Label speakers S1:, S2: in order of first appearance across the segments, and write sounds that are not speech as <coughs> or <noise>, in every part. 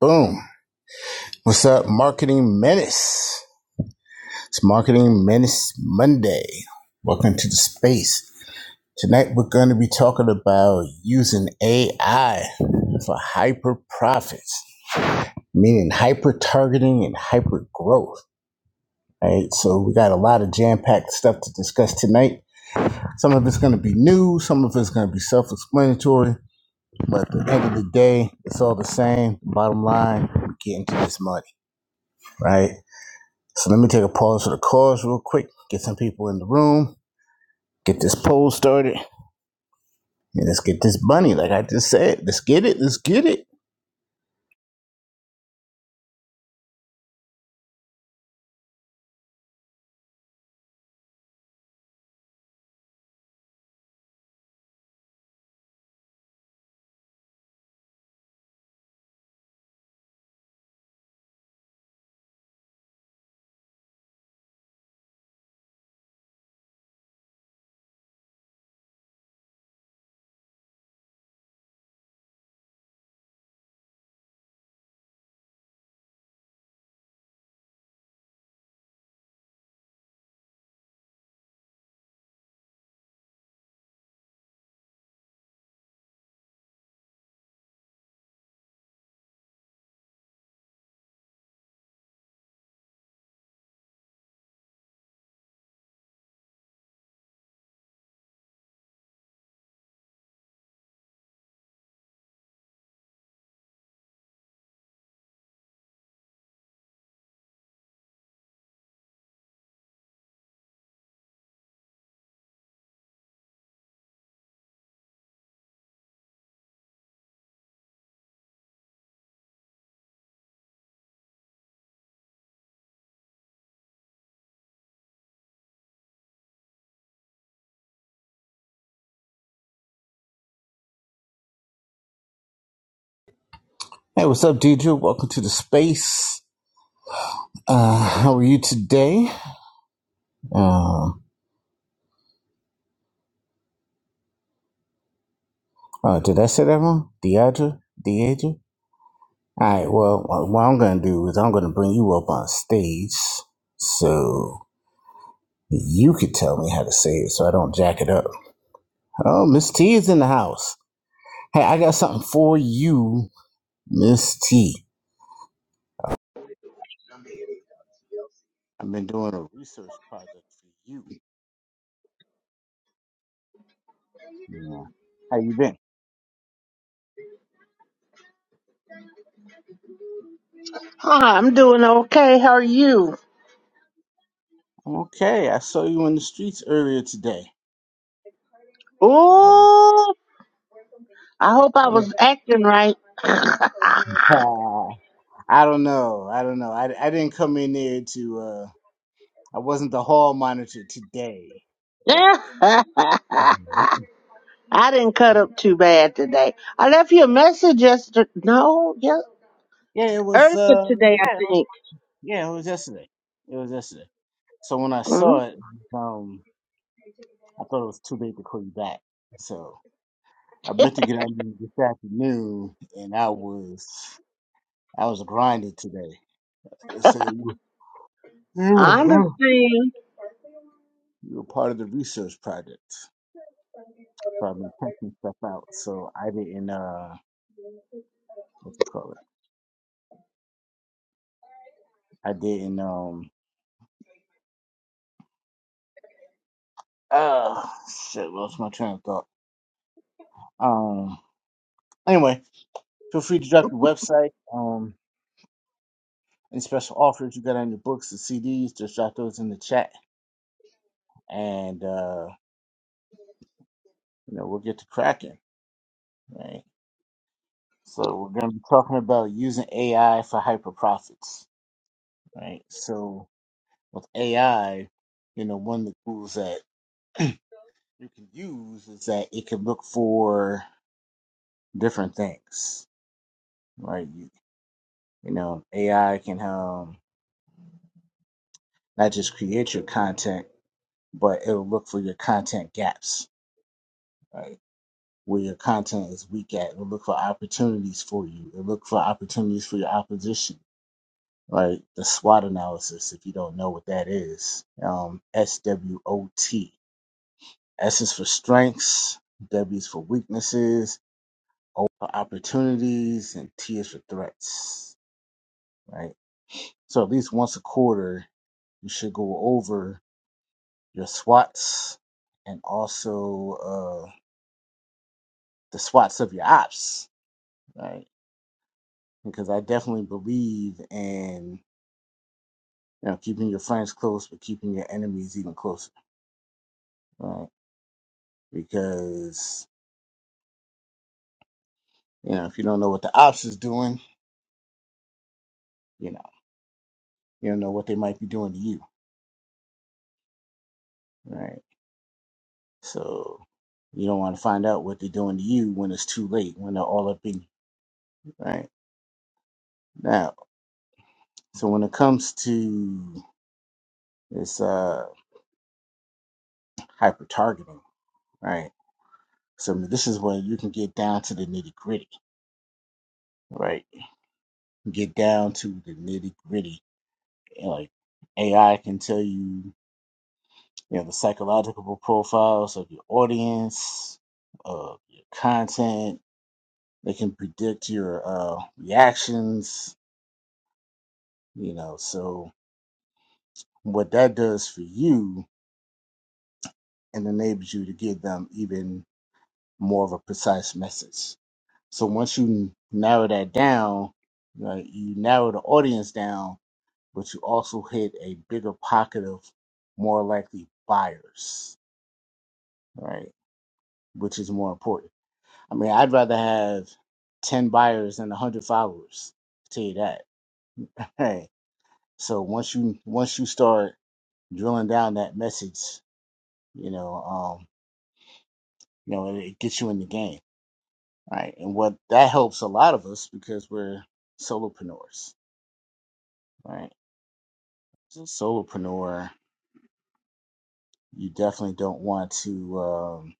S1: Boom. What's up, Marketing Menace? It's Marketing Menace Monday. Welcome to the space. Tonight we're going to be talking about using AI for hyper profits, meaning hyper targeting and hyper growth. Right, so we got a lot of jam-packed stuff to discuss tonight. Some of it's going to be new, some of it's going to be self-explanatory, but at the end of the day, it's all the same. Bottom line, we're getting to this money, right? So let me take a pause for the cause real quick, get some people in the room, get this poll started, and let's get this bunny, like I just said. Let's get it, let's get it. Hey, what's up, DJ? Welcome to the space. Uh, how are you today? Um, oh, did I say that wrong? Deidre? Deidre? All right, well, uh, what I'm going to do is I'm going to bring you up on stage so you could tell me how to say it so I don't jack it up. Oh, Miss T is in the house. Hey, I got something for you, Miss T. I've been doing a research project for you. Yeah. How you been?
S2: Hi, I'm doing okay. How are you?
S1: I'm okay. I saw you on the streets earlier today. I,
S2: Ooh, I hope I
S1: <laughs>
S2: was acting right. <laughs>
S1: I don't know. I don't know. I, I didn't come in there to, uh, I wasn't the hall monitor today, but
S2: I didn't cut up too bad today. I left you a message yesterday. No, yeah,
S1: yeah, it was,
S2: earlier
S1: uh,
S2: today, I
S1: yeah, it was-
S2: think.
S1: yeah, it was yesterday. It was yesterday. So when I
S2: Mhm.
S1: saw it, um, I thought it was too late to call you back. So I meant to get out of here this afternoon and I was I was grinding today. It said you, you were
S2: I
S1: huh?
S2: understand.
S1: you were part of the research project. So I've been testing stuff out. So I didn't uh what you call it? I didn't um uh shit, lost my train of thought. Um anyway, feel free to drop your website. Um any special offers you got on your books and CDs, just drop those in the chat and uh you know we'll get to cracking. Right. So we're gonna be talking about using AI for hyper profits. Right. So with AI, you know, one of the tools that <clears throat> you can use is that it can look for different things, right? You, you know, AI can um, not just create your content, but it'll look for your content gaps, right? Where your content is weak at. It'll look for opportunities for you. It'll look for opportunities for your opposition, right? The SWOT analysis, if you don't know what that is, um, SWOT. S is for strengths, W is for weaknesses, over opportunities and tears for threats, right? So at least once a quarter, you should go over your SWATs and also uh, the SWATs of your ops, right? Because I definitely believe in you know keeping your friends close, but keeping your enemies even closer, right? Because you know if you don't know what the ops is doing, you know you don't know what they might be doing to you, right? So you don't want to find out what they're doing to you when it's too late, when they're all up in you, right? Now, so when it comes to this uh, hyper targeting, right? So this is where you can get down to the nitty gritty, right? Get down to the nitty gritty. Like AI can tell you, you know, the psychological profiles of your audience, of your content. They can predict your uh, reactions, you know. So What that does for you and enables you to give them even more of a precise message. So once you narrow that down, right, you narrow the audience down, but you also hit a bigger pocket of more likely buyers, right? Which is more important. I mean, I'd rather have 10 buyers than 100 followers. I tell you that. <laughs> right? so once you once you start drilling down that message, you know, um, you know, it, it gets you in the game. right? And what that helps a lot of us because we're solopreneurs, right? So solopreneur, you definitely don't want to, um,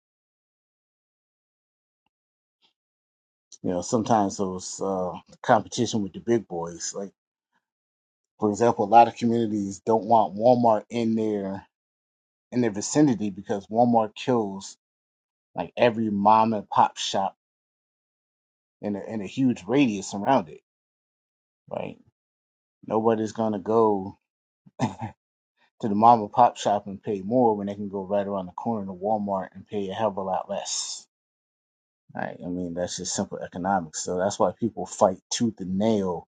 S1: you know, sometimes those uh, competition with the big boys, like for example, a lot of communities don't want Walmart in their in their vicinity because Walmart kills like every mom and pop shop in a, in a huge radius around it, right? Nobody's gonna go to the mom and pop shop and pay more when they can go right around the corner to Walmart and pay a hell of a lot less. Right? I mean, that's just simple economics. So that's why people fight tooth and nail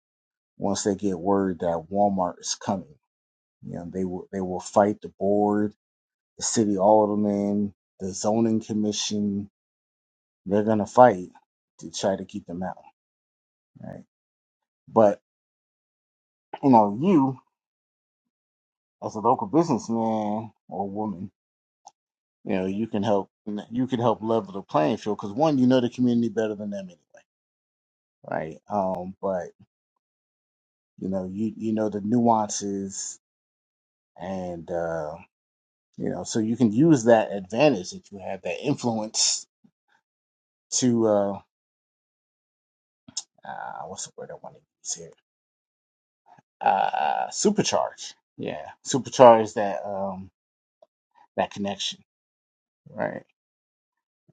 S1: once they get word that Walmart is coming. You know, they will they will fight the board, the city alderman, the zoning commission. They're gonna fight to try to keep them out. Right? But you know, you as a local businessman or woman you know you can help you can help level the playing field because one you know the community better than them anyway right um but you know you you know the nuances and uh you know so you can use that advantage that you have that influence to uh, uh what's the word i want to use here uh supercharge yeah supercharge that um that connection right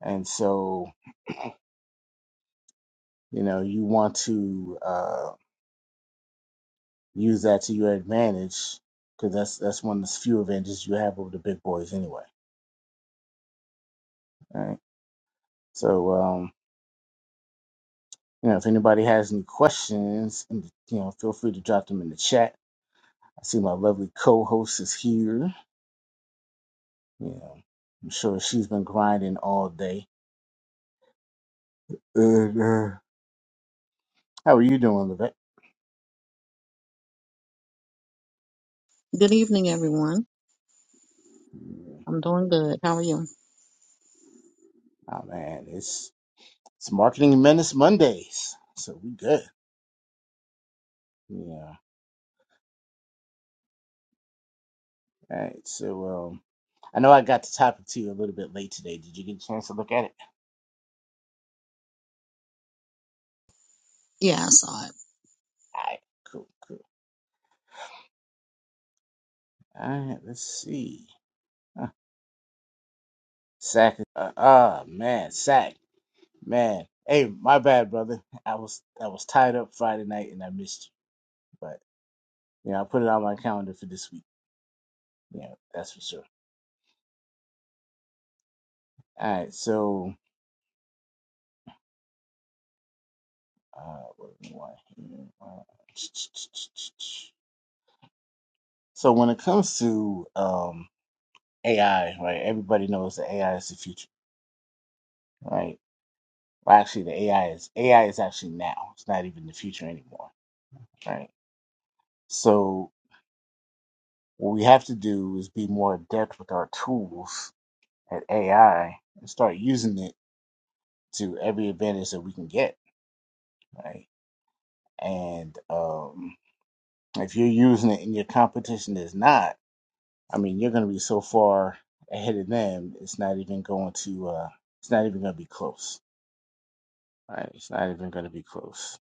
S1: and so you know you want to Uh, Use that to your advantage because that's that's one of the few advantages you have over the big boys anyway. All right. So um, you know, if anybody has any questions, you know, feel free to drop them in the chat. I see my lovely co-host is here. You know, I'm sure she's been grinding all day. And, uh, how are you doing, Levette?
S3: Good evening, everyone. I'm doing good. How are you?
S1: Oh man, it's it's Marketing Menace Mondays, so we good. Yeah. All right. So um, I know I got the topic to you a little bit late today. Did you get a chance to look at it?
S3: Yeah, I saw it.
S1: All right, cool, cool. All right, let's see. Huh. Sack. Uh, ah, man, sack, man. Hey, my bad, brother. I was I was tied up Friday night and I missed you, but you know I put it on my calendar for this week. Yeah, that's for sure. All right, so uh, what do we want here? Uh, <tsk> So when it comes to um AI, right? Everybody knows that AI is the future, right? Well, actually, the AI is AI is actually now. It's not even the future anymore, right? So what we have to do is be more adept with our tools at AI and start using it to every advantage that we can get, right? And um, if you're using it and your competition is not, I mean, you're going to be so far ahead of them. It's not even going to. Uh, it's not even going to be close, right? It's not even going to be close.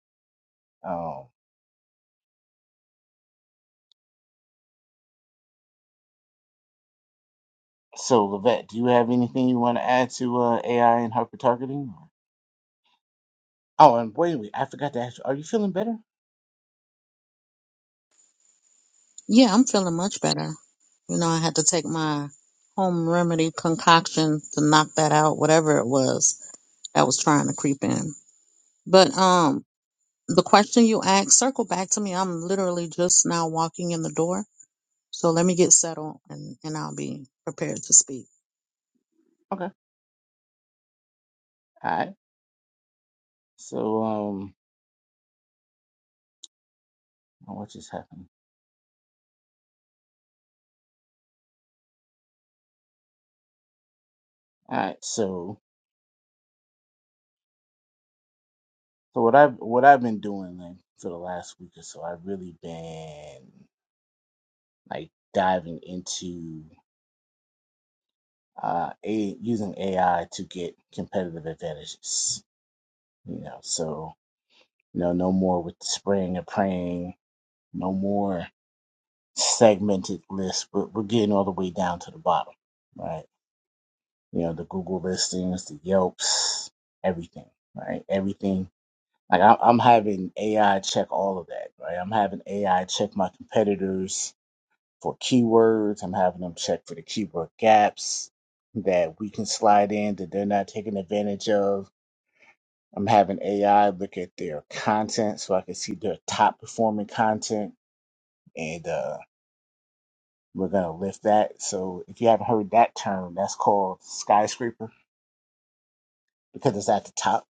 S1: Um, so, Levette, do you have anything you want to add to uh, AI and hyper targeting? Oh, and wait, wait, I forgot to ask you. Are you feeling better?
S3: Yeah, I'm feeling much better. You know, I had to take my home remedy concoction to knock that out, whatever it was that was trying to creep in. But um, the question you asked, circle back to me. I'm literally just now walking in the door, so let me get settled and and I'll be prepared to speak.
S1: Okay. all right. So um, oh, what just happened? All right, so so what I've what I've been doing like for the last week or so, I've really been like diving into uh a using AI to get competitive advantages. You know, so you know, no more with spraying and praying, no more segmented lists. We're, we're getting all the way down to the bottom, right? You know, the Google listings, the Yelps, everything, right? Everything Like I, I'm having AI check all of that, right? I'm having AI check my competitors for keywords. I'm having them check for the keyword gaps that we can slide in that they're not taking advantage of. I'm having AI look at their content so I can see their top performing content, and uh, we're gonna lift that. So if you haven't heard that term, that's called skyscraper because it's at the top,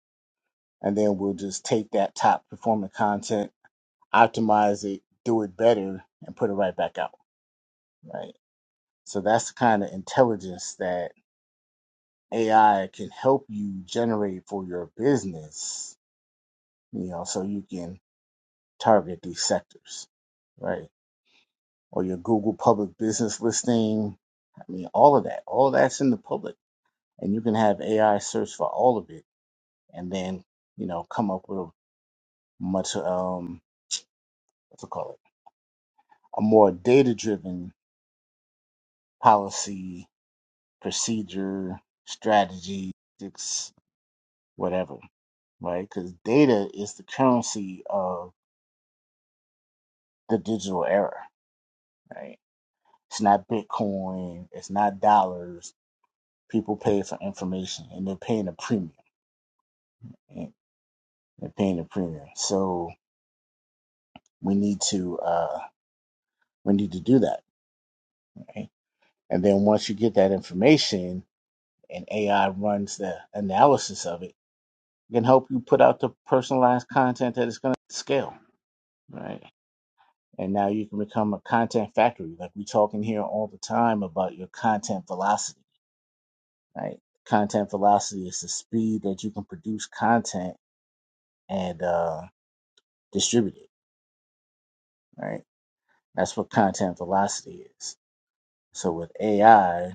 S1: and then we'll just take that top performing content optimize it, do it better, and put it right back out. Right. So that's the kind of intelligence that AI can help you generate for your business, you know, so you can target these sectors, right? Or your Google public business listing. I mean, all of that, all that's in the public. And you can have AI search for all of it and then, you know, come up with a much, um, what's it called? A more data driven policy procedure, strategy, tactics, whatever, right? Because data is the currency of the digital era, right? It's not Bitcoin, it's not dollars. People pay for information and they're paying a premium. right? They're paying a premium. So we need to uh we need to do that, right? And then once you get that information and AI runs the analysis of it, it can help you put out the personalized content that is gonna scale, right? And now you can become a content factory. Like we talk in here all the time about your content velocity, right? Content velocity is the speed that you can produce content and uh, distribute it, right? That's what content velocity is. So with AI,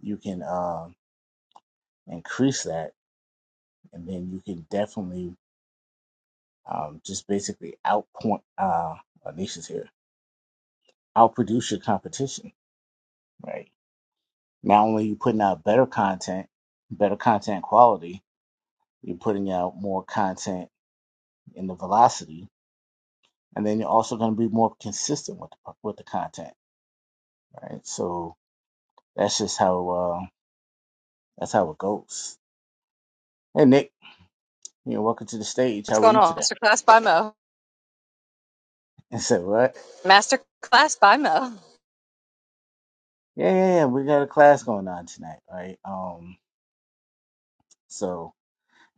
S1: you can um, increase that, and then you can definitely um, just basically outpoint uh, Alicia's here, outproduce your competition, right? Not only are you putting out better content, better content quality, You're putting out more content in the velocity, and then you're also going to be more consistent with the, with the content, right? So that's just how uh, that's how it goes. Hey Nick, you know, welcome to the stage.
S4: What's
S1: How are
S4: going
S1: you
S4: on?
S1: today? <laughs>
S4: Masterclass by Mo.
S1: And said what?
S4: Masterclass by Mo.
S1: Yeah, yeah, yeah. We got a class going on tonight, right? Um, so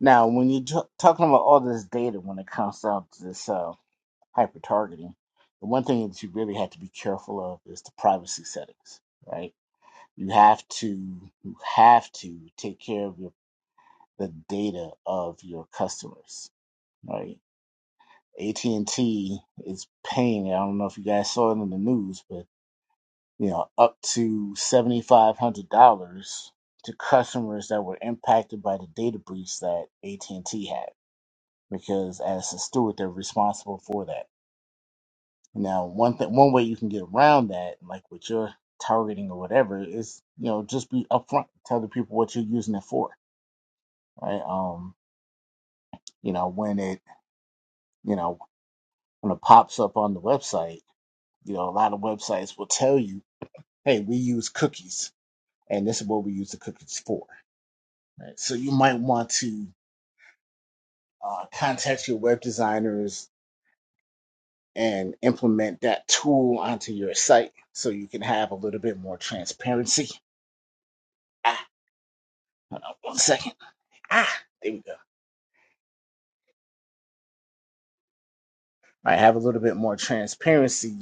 S1: now when you're t- talking about all this data when it comes down to this uh, hyper targeting, the one thing that you really have to be careful of is the privacy settings, right? You have to you have to take care of your, the data of your customers, right? AT and T is paying. I don't know if you guys saw it in the news, but you know, up to seventy five hundred dollars to customers that were impacted by the data breach that AT and T had, because as a steward, they're responsible for that. Now, one thing, one way you can get around that, like with your targeting or whatever, is you know just be upfront, tell the people what you're using it for right? Um, you know, when it, you know, when it pops up on the website, you know, a lot of websites will tell you, hey, we use cookies and this is what we use the cookies for, right? So you might want to uh, contact your web designers and implement that tool onto your site so you can have a little bit more transparency. Ah, hold on one second. Ah, there we go. All right, have a little bit more transparency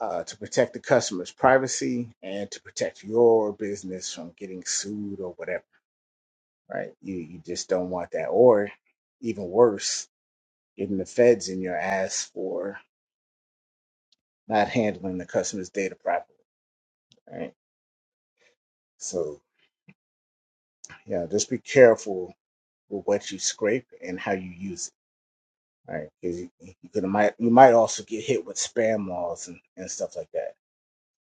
S1: uh, to protect the customer's privacy and to protect your business from getting sued or whatever, right? You you just don't want that, or even worse, getting the feds in your ass for not handling the customer's data properly, right? So yeah, just be careful with what you scrape and how you use it, right? Because you, you could might you might also get hit with spam laws and, and stuff like that.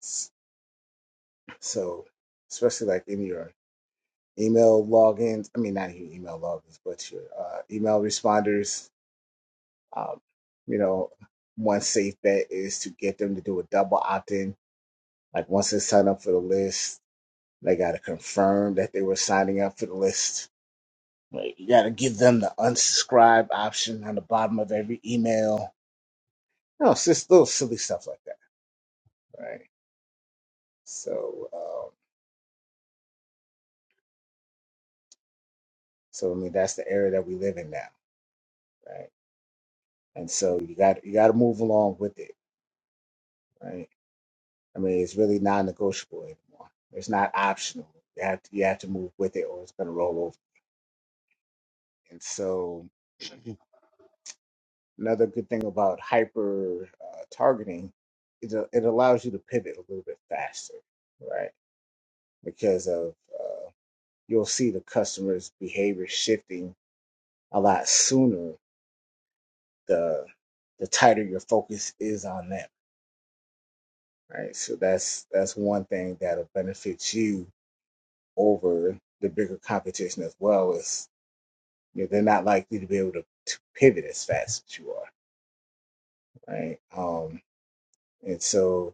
S1: S- So especially like in your email logins. I mean, not e- email logins, but your uh, email responders. Um, you know, one safe bet is to get them to do a double opt-in. Like once they sign up for the list, they got to confirm that they were signing up for the list. Like, you got to give them the unsubscribe option on the bottom of every email. No, it's just little silly stuff like that, right? So, um, so I mean, that's the era that we live in now, right? And so you got you got to move along with it, right? I mean, it's really non-negotiable anymore. It's not optional. You have to you have to move with it, or it's going to roll over. And so, another good thing about hyper uh, targeting is it, it allows you to pivot a little bit faster, right? Because of uh, you'll see the customer's behavior shifting a lot sooner. The the tighter your focus is on them, right? So that's that's one thing that'll benefit you over the bigger competition as well. Is you know, they're not likely to be able to, to pivot as fast as you are, right? Um, and so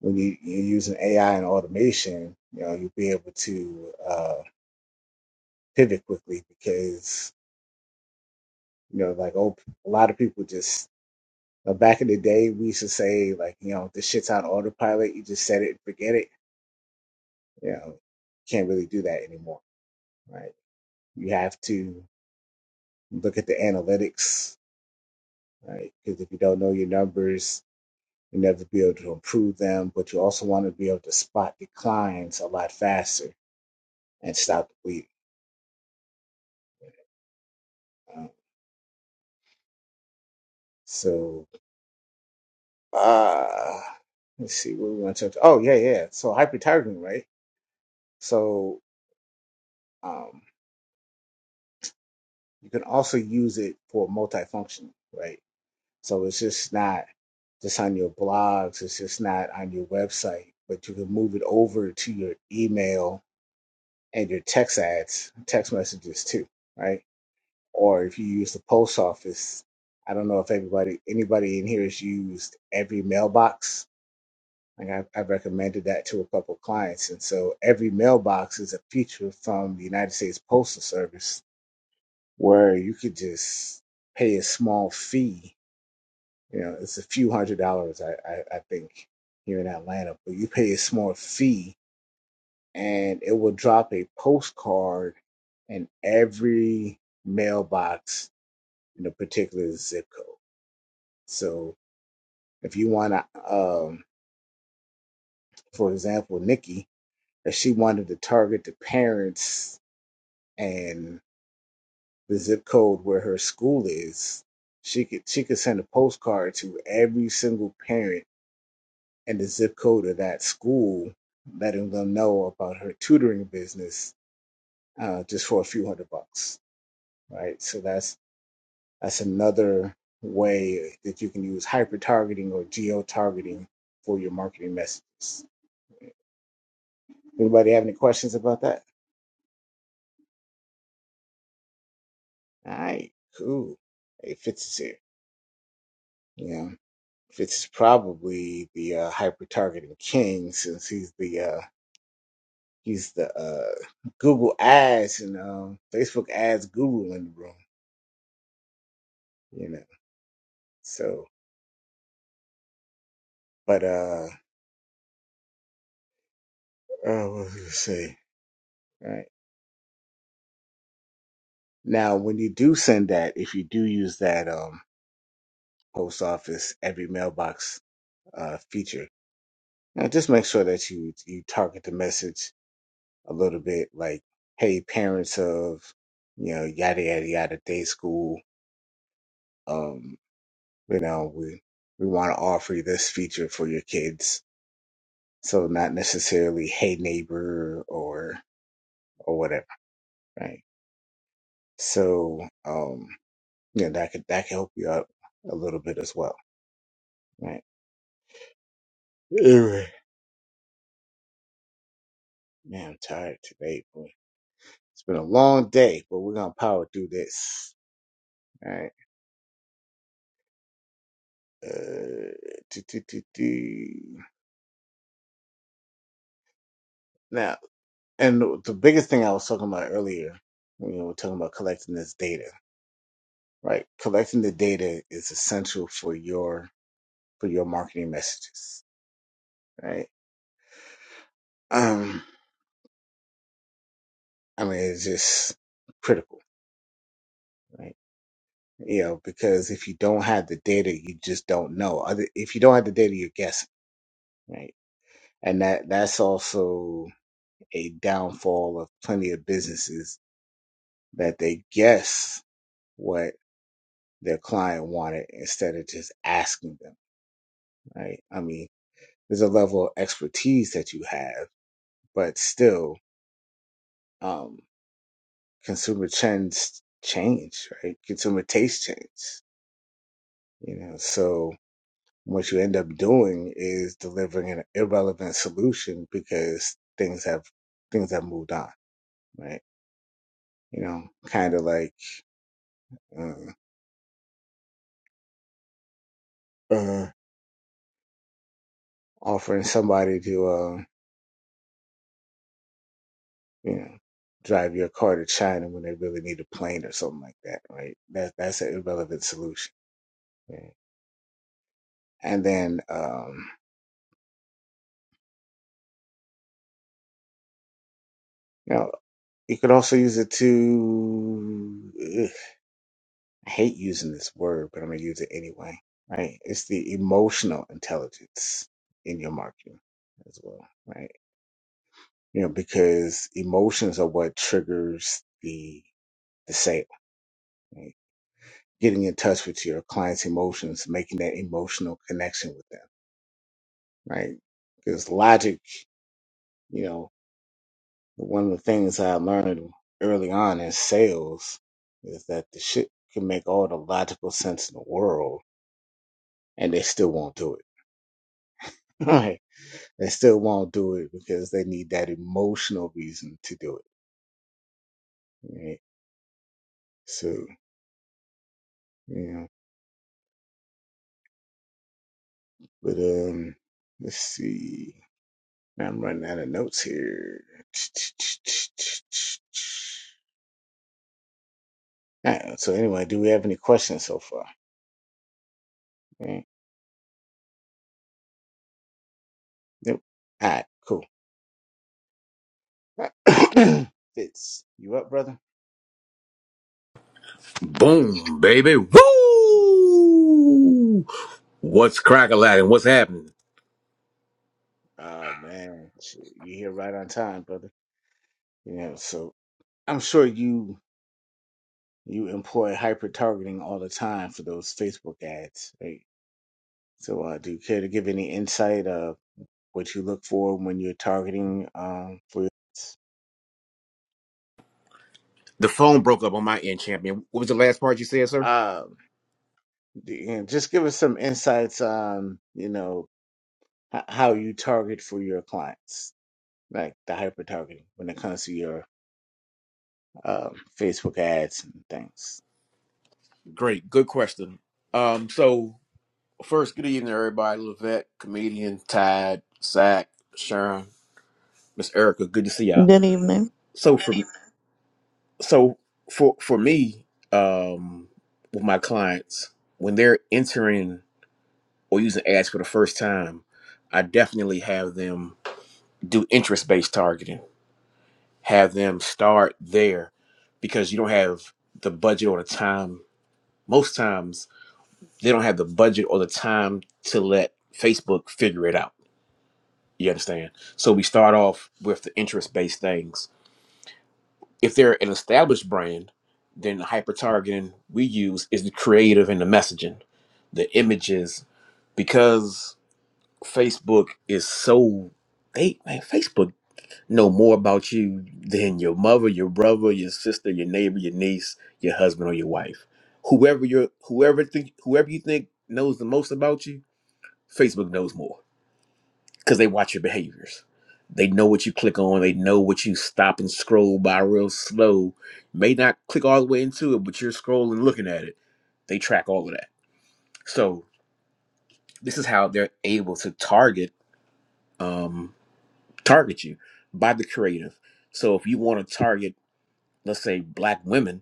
S1: when you, you're using AI and automation, you know, you'll be able to uh, pivot quickly because, you know, like oh, a lot of people just, uh, back in the day, we used to say, like, you know, this shit's on autopilot. You just set it and forget it. You know, can't really do that anymore, right? You have to look at the analytics, right? Because if you don't know your numbers, you never be able to improve them, but you also want to be able to spot declines a lot faster and stop the bleeding. Um, so, uh, let's see what we want to touch. Oh, yeah, yeah. So hypertargeting, right? So um, you can also use it for multifunction, right? So it's just not just on your blogs, it's just not on your website, but you can move it over to your email and your text ads, text messages too, right? or if you use the post office. I don't know if everybody, anybody in here has used every mailbox. Like I, I recommended that to a couple clients, and so every mailbox is a feature from the United States Postal Service where you could just pay a small fee. You know, it's a few hundred dollars, I, I, I think, here in Atlanta, but you pay a small fee, and it will drop a postcard in every mailbox in a particular zip code So if you want to, um, for example, Nikki, if she wanted to target the parents and the zip code where her school is, she could she could send a postcard to every single parent in the zip code of that school, letting them know about her tutoring business, uh, just for a few hundred bucks, right? So that's that's another way that you can use hyper targeting or geo targeting for your marketing messages. Anybody have any questions about that? All right, cool. Hey, Fitz is here. You know, Fitz is probably the uh, hyper targeting king since he's the uh, he's the uh, Google Ads and um, Facebook Ads guru in the room. You know, so but uh, uh what was I gonna say? All right now, when you do send that, if you do use that um post office every mailbox uh feature, now just make sure that you you target the message a little bit like, hey, parents of, you know, yada, yada, yada, day school, um, you know, we, we want to offer you this feature for your kids. So not necessarily, hey, neighbor or, or whatever, right? So, um, you know, that could, that could help you out a little bit as well, right? Anyway, man, I'm tired today. Boy. It's been a long day, but we're going to power through this, all right? Uh, do, do, do, do. Now, and the biggest thing I was talking about earlier, when we were talking about collecting this data, right? Collecting the data is essential for your for your marketing messages, right? Um, I mean, it's just critical, right? You know, because if you don't have the data, you just don't know. Other, if you don't have the data, you're guessing, right? And that that's also a downfall of plenty of businesses that they guess what their client wanted instead of just asking them right? I mean, there's a level of expertise that you have, but still, um, consumer trends change, right? Consumer taste change, you know. So what you end up doing is delivering an irrelevant solution because things have things have moved on, right? You know, kind of like uh, uh, offering somebody to, uh, you know, drive your car to China when they really need a plane or something like that, right? That that's an irrelevant solution. right? and then um, you know you could also use it to ugh, I hate using this word, but I'm gonna use it anyway. Right? It's the emotional intelligence in your marketing as well, right? You know, because emotions are what triggers the the sale. Right? Getting in touch with your client's emotions, making that emotional connection with them, right? Because logic, you know. But One of the things I learned early on in sales is that the shit can make all the logical sense in the world and they still won't do it. <laughs> Right. They still won't do it because they need that emotional reason to do it. Right. So, you know, but um, let's see. I'm running out of notes here. All right, so anyway, do we have any questions so far? All Right. Nope. All right, cool. <coughs> <clears throat> Fitz, you up, brother?
S5: Boom, baby. Woo! What's crack Aladdin? What's happening?
S1: Oh man, Shit, you here right on time, brother. You know, so I'm sure you you employ hyper targeting all the time for those Facebook ads, right? So, uh, do you care to give any insight of what you look for when you're targeting um for your ads?
S5: The phone broke up on my end, champion. What was the last part you said, sir?
S1: Um, do you you know, just give us some insights on you know h- how you target for your clients, like the hyper targeting when it comes to your um, Facebook ads and things.
S5: Great, good question. Um, so first, good evening, everybody. Levette, comedian, Tide, Zach, Sharon, Miss Erica. Good to see y'all.
S3: Good evening.
S5: So for so for for me, um, with my clients, when they're entering or using ads for the first time, I definitely have them do interest based targeting. have them start there because you don't have the budget or the time. Most times they don't have the budget or the time to let Facebook figure it out. You understand? So we start off with the interest based things. If they're an established brand, then the hyper targeting we use is the creative and the messaging, the images, because Facebook is so they man, Facebook know more about you than your mother, your brother, your sister, your neighbor, your niece, your husband, or your wife. Whoever you whoever think whoever you think knows the most about you, Facebook knows more because they watch your behaviors. They know what you click on. They know what you stop and scroll by real slow. May not click all the way into it, but you're scrolling, looking at it. They track all of that. So this is how they're able to target um, target you by the creative. So if you want to target let's say black women,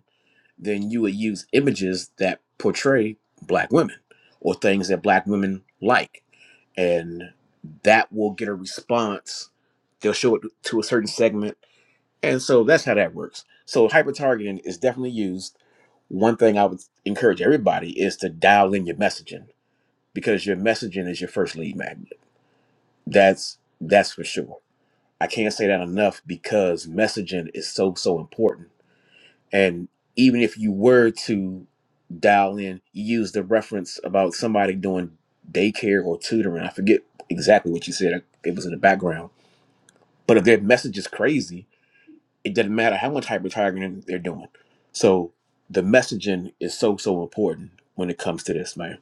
S5: then you would use images that portray black women or things that black women like. And that will get a response. They'll show it to a certain segment. And so that's how that works. So hyper targeting is definitely used. One thing I would encourage everybody is to dial in your messaging because your messaging is your first lead magnet. That's that's for sure. I can't say that enough because messaging is so so important and even if you were to dial in, you used the reference about somebody doing daycare or tutoring. I forget exactly what you said. It was in the background. But if their message is crazy, it doesn't matter how much hyper targeting they're doing. So the messaging is so, so important when it comes to this, man.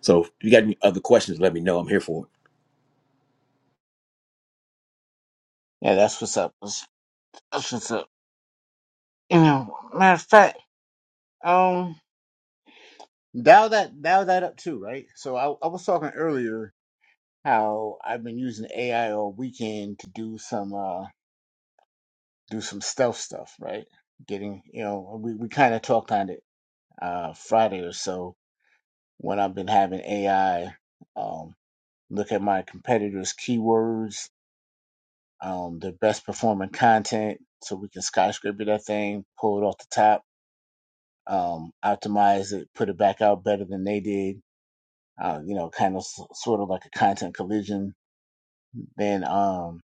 S5: So if you got any other questions, let me know. I'm here for it.
S1: Yeah, that's what's up. That's, that's what's up. you know, matter of fact, um, dial that dial that up too, right? So I, I was talking earlier how I've been using AI all weekend to do some uh do some stealth stuff, right? Getting you know, we, we kind of talked on it uh Friday or so when I've been having AI um look at my competitors' keywords, um, their best performing content, so we can skyscraper that thing, pull it off the top, um, optimize it, put it back out better than they did uh, you know, kind of s- sort of like a content collision. Then um,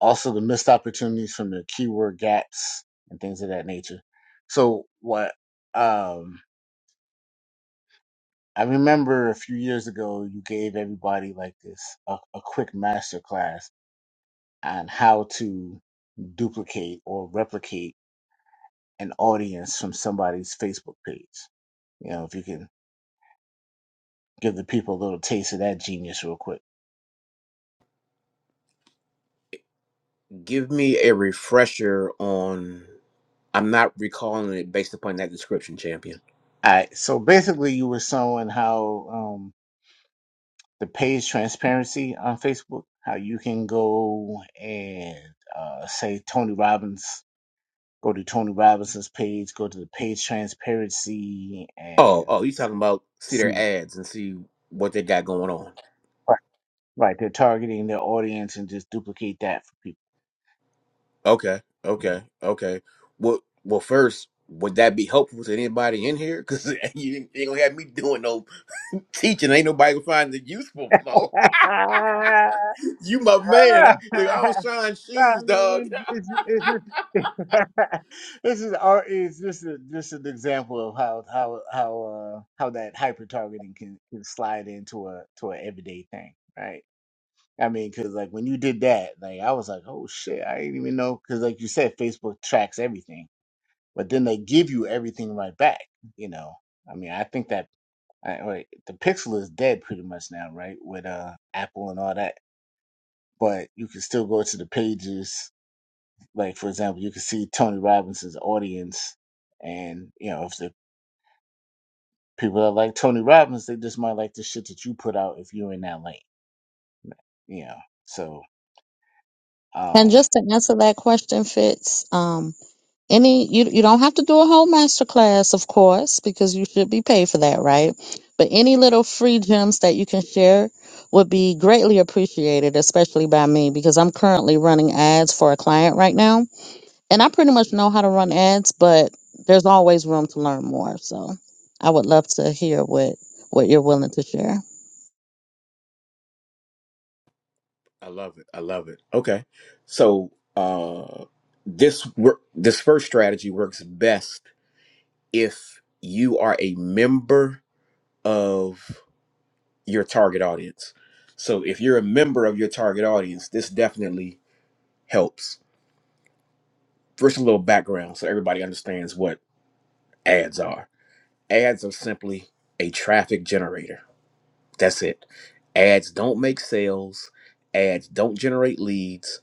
S1: also the missed opportunities from the keyword gaps and things of that nature. So what um, I remember a few years ago, you gave everybody like this a, a quick master class on how to duplicate or replicate an audience from somebody's Facebook page. You know, if you can give the people a little taste of that genius real quick.
S5: Give me a refresher on, I'm not recalling it based upon that description, champion.
S1: All right. So basically, you were showing how um, the page transparency on Facebook, how you can go and uh, say Tony Robbins, go to Tony Robinson's page, go to the page transparency
S5: Oh,
S1: and
S5: oh, you talking about see their
S1: see.
S5: ads and see what they got going on.
S1: Right, right, they're targeting their audience and just duplicate that for
S5: Okay,
S1: people.
S5: okay, okay. Well, well, first, would that be helpful to anybody in here? Because <laughs> you ain't gonna have me doing no teaching. Ain't nobody gonna find it useful, Mo. <laughs>
S1: Mm.
S5: You my man. I, I
S1: <laughs>
S5: don't shine
S1: I
S5: shoes, dog.
S1: mean, it's, it's, it's- <laughs> this is our is this is just an example of how how how uh how that hyper targeting can can slide into a to an everyday thing, right? I mean, because like when you did that, like I was like, oh shit, I didn't even know. Because like you said, Facebook tracks everything, but then they give you everything right back. You know, I mean, I think that I, wait, the Pixel is dead pretty much now, right? With uh Apple and all that, but you can still go to the pages like for example, you can see Tony Robbins' audience, and you know if the people that like Tony Robbins, they just might like the shit that you put out if you're in that lane, you know. So,
S3: And
S1: um,
S3: just to answer that question, Fitz, um, any you you don't have to do a whole master class of course because you should be paid for that right but any little free gems that you can share would be greatly appreciated especially by me because i'm currently running ads for a client right now and i pretty much know how to run ads but there's always room to learn more so i would love to hear what what you're willing to share
S5: <laughs> I love it. I love it. Okay, so uh, this work, this first strategy works best if you are a member of your target audience. So if you're a member of your target audience, this definitely helps. First, a little background so everybody understands what ads are. Ads are simply a traffic generator. That's it. Ads don't make sales, ads don't generate leads,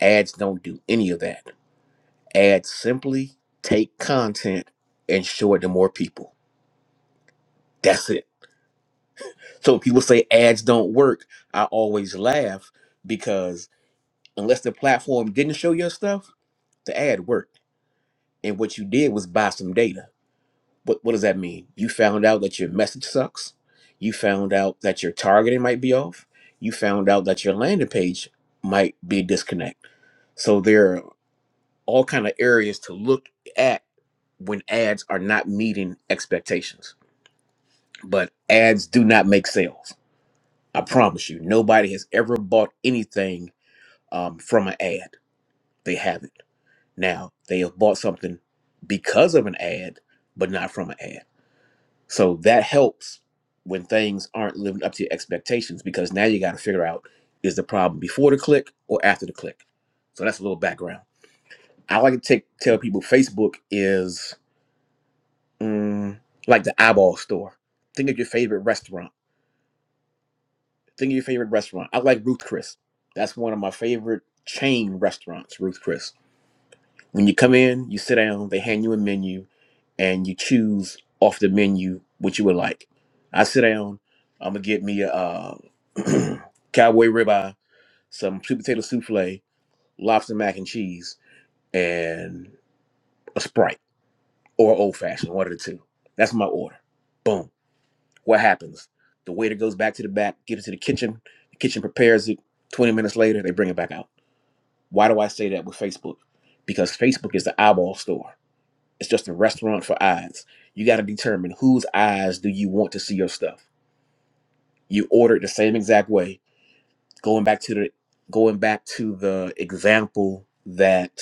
S5: ads don't do any of that. Ads simply take content and show it to more people. That's it So when people say ads don't work, I always laugh because unless the platform didn't show your stuff, the ad worked. And what you did was buy some data. What what does that mean? You found out that your message sucks. You found out that your targeting might be off. You found out that your landing page might be a disconnect. So there are all kind of areas to look at when ads are not meeting expectations. But ads do not make sales. I promise you, nobody has ever bought anything um, from an ad. They have not Now, they have bought something because of an ad, but not from an ad. So that helps when things aren't living up to your expectations because now you got to figure out is the problem before the click or after the click. So that's a little background. I like to take, tell people Facebook is mm, like the eyeball store. Think of your favorite restaurant. Think of your favorite restaurant. I like Ruth Chris. That's one of my favorite chain restaurants, Ruth Chris When you come in, you sit down, they hand you a menu, and you choose off the menu what you would like. I sit down, I'm gonna get me a uh, <clears throat> cowboy ribeye, some sweet potato souffle, lobster mac and cheese, and a Sprite or old fashioned, one of the two. That's my order. Boom. What happens? The waiter goes back to the back, gives it to the kitchen. The kitchen prepares it. 20 minutes later, they bring it back out. Why do I say that with Facebook? Because Facebook is the eyeball store It's just a restaurant for eyes. You got to determine whose eyes do you want to see your stuff. You order it the same exact way. Going back to the going back to the example that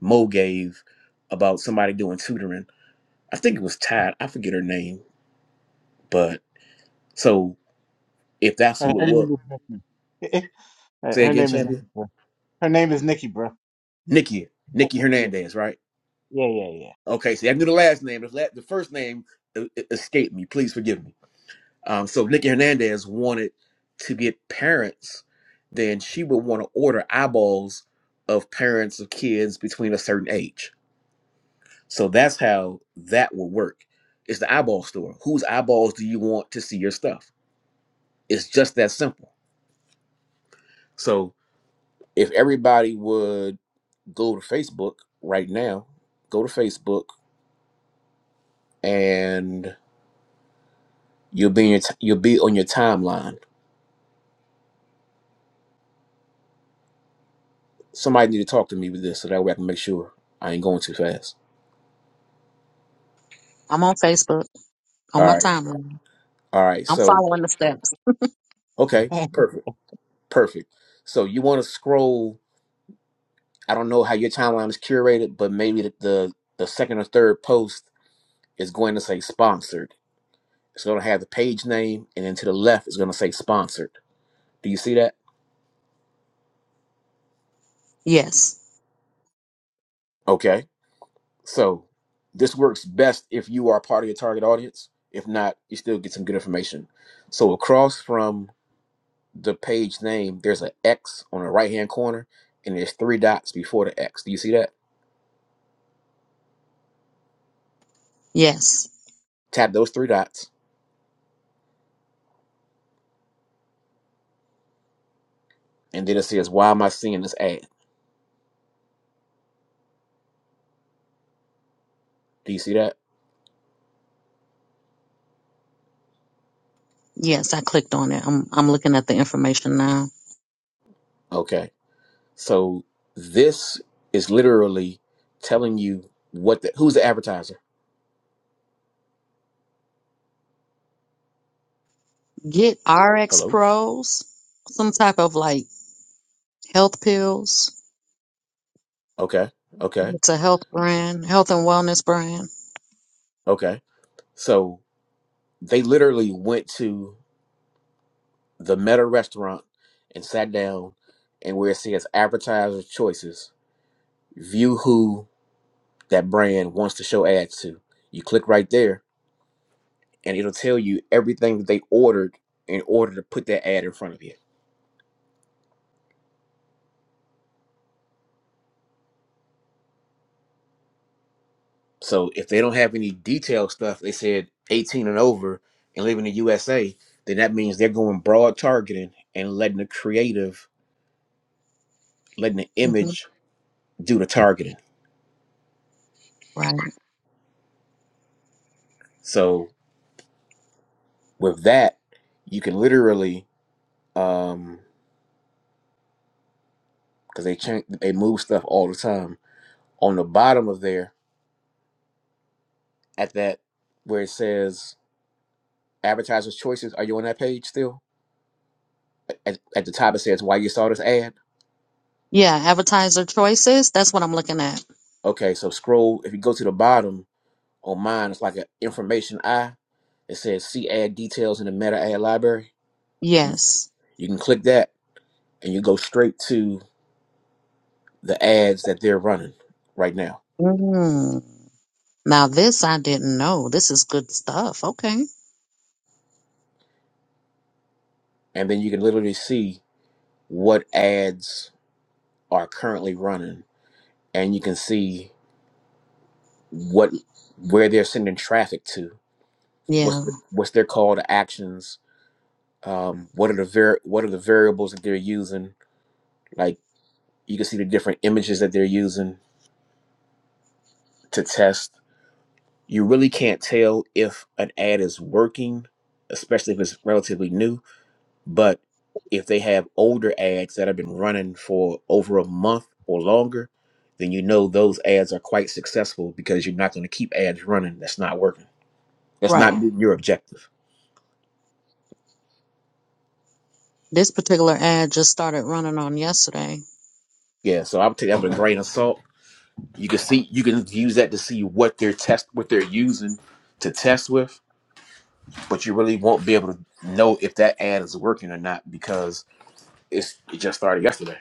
S5: Mo gave about somebody doing tutoring. I think it was Tad. I forget her name, but so if that's
S1: her,
S5: who
S1: her
S5: it
S1: name
S5: was,
S1: is <laughs> Nikki. her
S5: say
S1: her name
S5: again,
S1: is
S5: champion
S1: Nikki, bro. Her name is Nikki, bro.
S5: Nikki Nikki
S1: Yeah,
S5: Hernandez, right?
S1: yeah, yeah,
S5: Okay, see, I knew the last name. The, la- the first name uh, uh, escaped me. Please forgive me Um, so if Nikki Hernandez wanted to get parents, then she would want to order eyeballs of parents of kids between a certain age. So that's how that would work. It's the eyeball store. Whose eyeballs do you want to see your stuff? It's just that simple. So if everybody would go to Facebook right now, go to Facebook and you'll be in your t- you'll be on your timeline. Somebody need to talk to me with this so that way I can make sure I ain't going too fast.
S3: i'm on facebook on
S5: All
S3: my
S5: right.
S3: timeline
S5: All right.
S3: i'm
S5: So,
S3: following the steps
S5: okay.
S1: yeah.
S5: Perfect. Perfect. So you want to scroll. I don't know how your timeline is curated, but maybe the, the, the second or third post is going to say sponsored. It's going to have the page name, and then to the left is going to say sponsored. Do you see that?
S3: Yes.
S5: Okay. So this works best if you are part of your target audience. If not, you still get some good information. So across from the page name, there's an X on the right hand corner, and there's three dots before the X. Do you see that?
S3: Yes.
S5: Tap those three dots And then it says, Why am I seeing this ad? Do you see that?
S3: Yes, I clicked on it. I'm I'm looking at the information now.
S5: Okay. So this is literally telling you what the who's the advertiser?
S3: Get RX
S5: Hello?
S3: Pros, some type of like health pills.
S5: Okay. Okay.
S3: It's a health brand, health and wellness brand.
S5: Okay. So they literally went to the meta restaurant and sat down and where it says advertiser choices, view who that brand wants to show ads to. You click right there and it'll tell you everything that they ordered in order to put that ad in front of you. So if they don't have any detailed stuff, they said 18 and over and live in the USA, then that means they're going broad targeting and letting the creative, letting the
S3: hmm
S5: image do the targeting.
S3: Right.
S5: So with that, you can literally, um, because they change, they move stuff all the time. On the bottom of there, at that where it says advertisers' choices, are you on that page still? At, at the top it says why you saw this ad.
S3: Yeah, advertiser choices. That's what I'm looking at.
S5: Okay, so scroll. If you go to the bottom on mine, it's like an information eye It says see ad details in the meta ad library. You,
S3: Yes.
S5: you can click that and you go straight to the ads that they're running right now.
S3: Mm. Now this I didn't know. This is good stuff. Okay.
S5: And then you can literally see what ads are currently running and you can see what where they're sending traffic to. What's
S3: Yeah.
S5: the, what's their call to actions? Um, what are the var what are the variables that they're using? Like you can see the different images that they're using to test you really can't tell if an ad is working, especially if it's relatively new. But if they have older ads that have been running for over a month or longer, then you know those ads are quite successful because you're not going to keep ads running that's not working. That's not
S3: Right.
S5: meeting your objective.
S3: This particular ad just started running on yesterday.
S5: Yeah, so I'm taking that with a grain of salt. You can see you can use that to see what they're test what they're using to test with, but you really won't be able to know if that ad is working or not because it's it just started yesterday.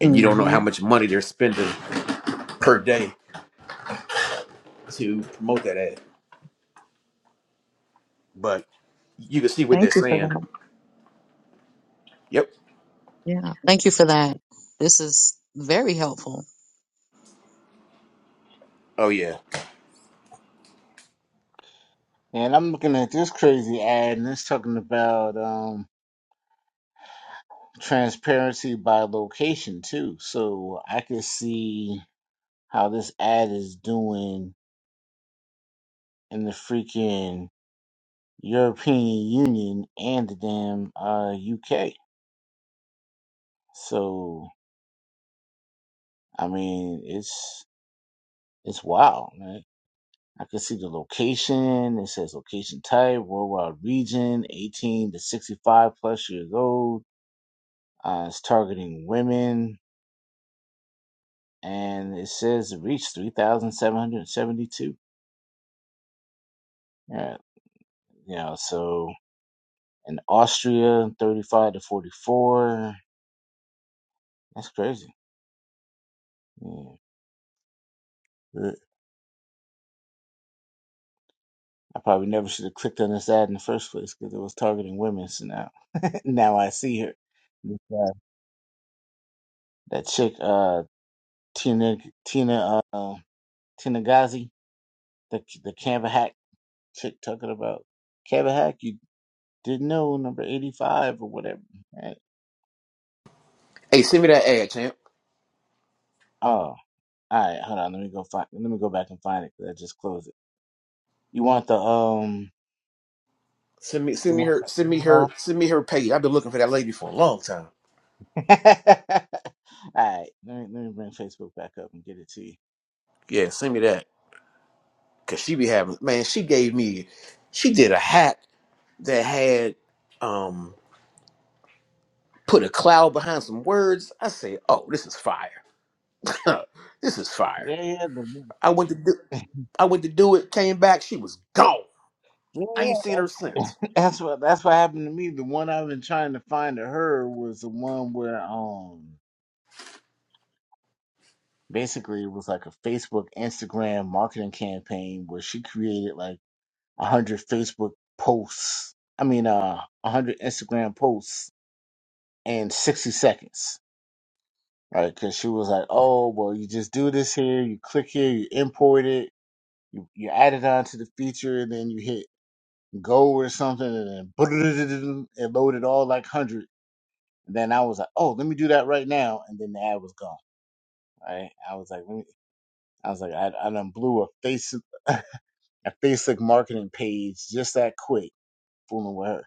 S5: and you don't know
S3: hmm
S5: how much money they're spending per day to promote that ad. But you can see what they're
S3: Thank you for
S5: saying.
S3: that.
S5: Yep.
S3: Yeah. Thank you for that. This is very helpful.
S5: Oh yeah.
S1: <laughs> and I'm looking at this crazy ad, and it's talking about um transparency by location too. So I could see how this ad is doing in the freaking European Union and the damn uh, UK. So I mean, it's it's wild, man. I can see the location. It says location type, worldwide region, 18 to 65 plus years old. Uh, it's targeting women, and it says it reached 3,772. Yeah, you know, so in Austria, 35 to 44. That's crazy. Yeah. I probably never should have clicked on this ad in the first place because it was targeting women. So now, <laughs> now I see her. This, uh, that chick, uh, Tina, Tina, uh, Tina Gazi, the the Canva hack chick talking about Canva hack. You didn't know number eighty five or whatever. Right?
S5: Hey, send me that ad, champ.
S1: Oh, all right. Hold on. Let me go find. Let me go back and find it because I just closed it. You want the um?
S5: Send me send
S1: You
S5: me her send me her
S1: want
S5: send me her page. I've been looking for that lady for a long time.
S1: that? <laughs> all right. Let me let me bring Facebook back up and get it to you.
S5: Yeah, send me that. Cause she be having man, she gave me she did a hat that had um put a cloud behind some words. I say, oh, this is fire. <laughs> this is fire.
S1: Yeah, yeah. The
S5: I went to do
S1: <laughs>
S5: I went to do it, came back, she was gone.
S1: Yeah,
S5: I
S1: yeah.
S5: ain't seen her since.
S1: That's what that's what happened to me. The one I've been trying to find to her was the one where um basically it was like a Facebook Instagram marketing campaign where she created like a hundred Facebook posts. I mean, uh, a hundred Instagram posts in sixty seconds, right? Because she was like, "Oh, well, you just do this here. You click here. You import it. You you add it onto the feature, and then you hit go or something, and then <laughs> it loaded all like hundred." And then I was like, oh, let me do that right now. And then the ad was gone. Right? I was like, let me, I was like, I, I done blew a face <laughs> a Facebook marketing page just that quick, fooling with her.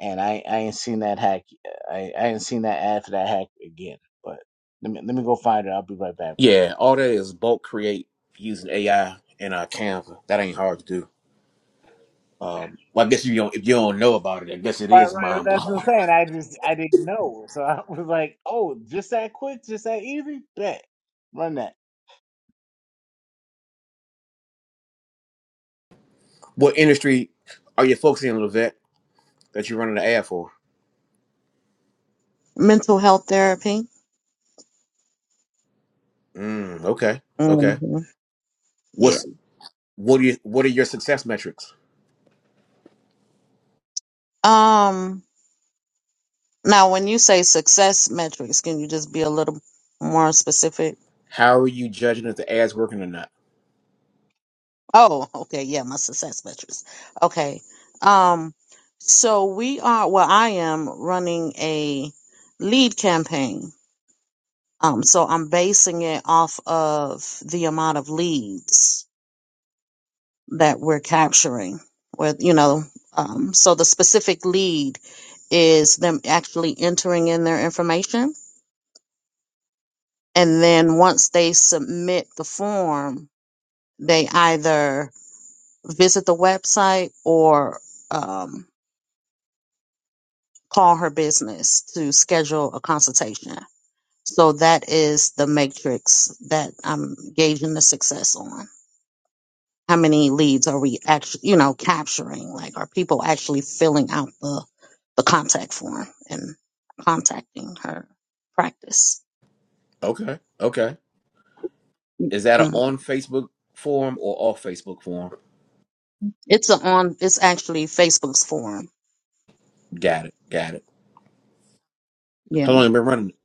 S1: And I, I ain't seen that hack. uh, I, I ain't seen that ad for that hack again. But let me let me go find her. I'll be right back, bro.
S5: Yeah, all that is bulk create using AI and uh, Canva. That ain't hard to do. Um, well, I guess you don't if you don't know about it. I guess it
S1: Right,
S5: is
S1: right.
S5: mind
S1: That's what I'm
S5: blowing.
S1: saying. I just I didn't know, so I was like, oh, just that quick, just that easy. Bet run that.
S5: <laughs> what industry are you focusing on, Levette, that you're running the ad for?
S3: Mental health therapy.
S5: Mm, okay, okay.
S3: hmm Yeah.
S5: What's what are you, what are your success metrics?
S3: Um. Now, when you say success metrics, can you just be a little more specific?
S5: How are you judging if the ad's working or not?
S3: Oh, okay. Yeah, my success metrics. Okay. Um, so we are, well, I am running a lead campaign. Um, so I'm basing it off of the amount of leads that we're capturing with, you know, um, so the specific lead is them actually entering in their information. And then once they submit the form, they either visit the website or, um, call her business to schedule a consultation. So that is the matrix that I'm gauging the success on. How many leads are we actually, you know, capturing? Like, are people actually filling out the the contact form and contacting her practice?
S5: Okay, okay. Is that an
S3: Mm.
S5: on Facebook form or off Facebook form?
S3: It's a on. It's actually Facebook's forum.
S5: Got it, got it.
S3: Yeah,
S5: How long you been running? it?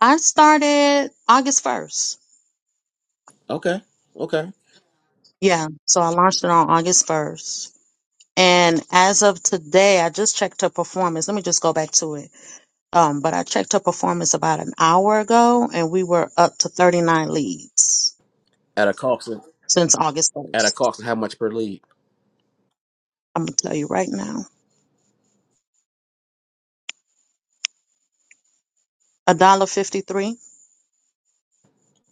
S3: I started August first.
S5: Okay, okay.
S3: Yeah, so I launched it on August first. And as of today, I just checked her performance. Let me just go back to it. Um, but I checked her performance about an hour ago, and we were up to 39 leads
S5: At a cost of
S3: since August
S5: at a
S3: 1st.
S5: cost of how much per lead?
S3: I'm gonna tell you right now, a dollar 53.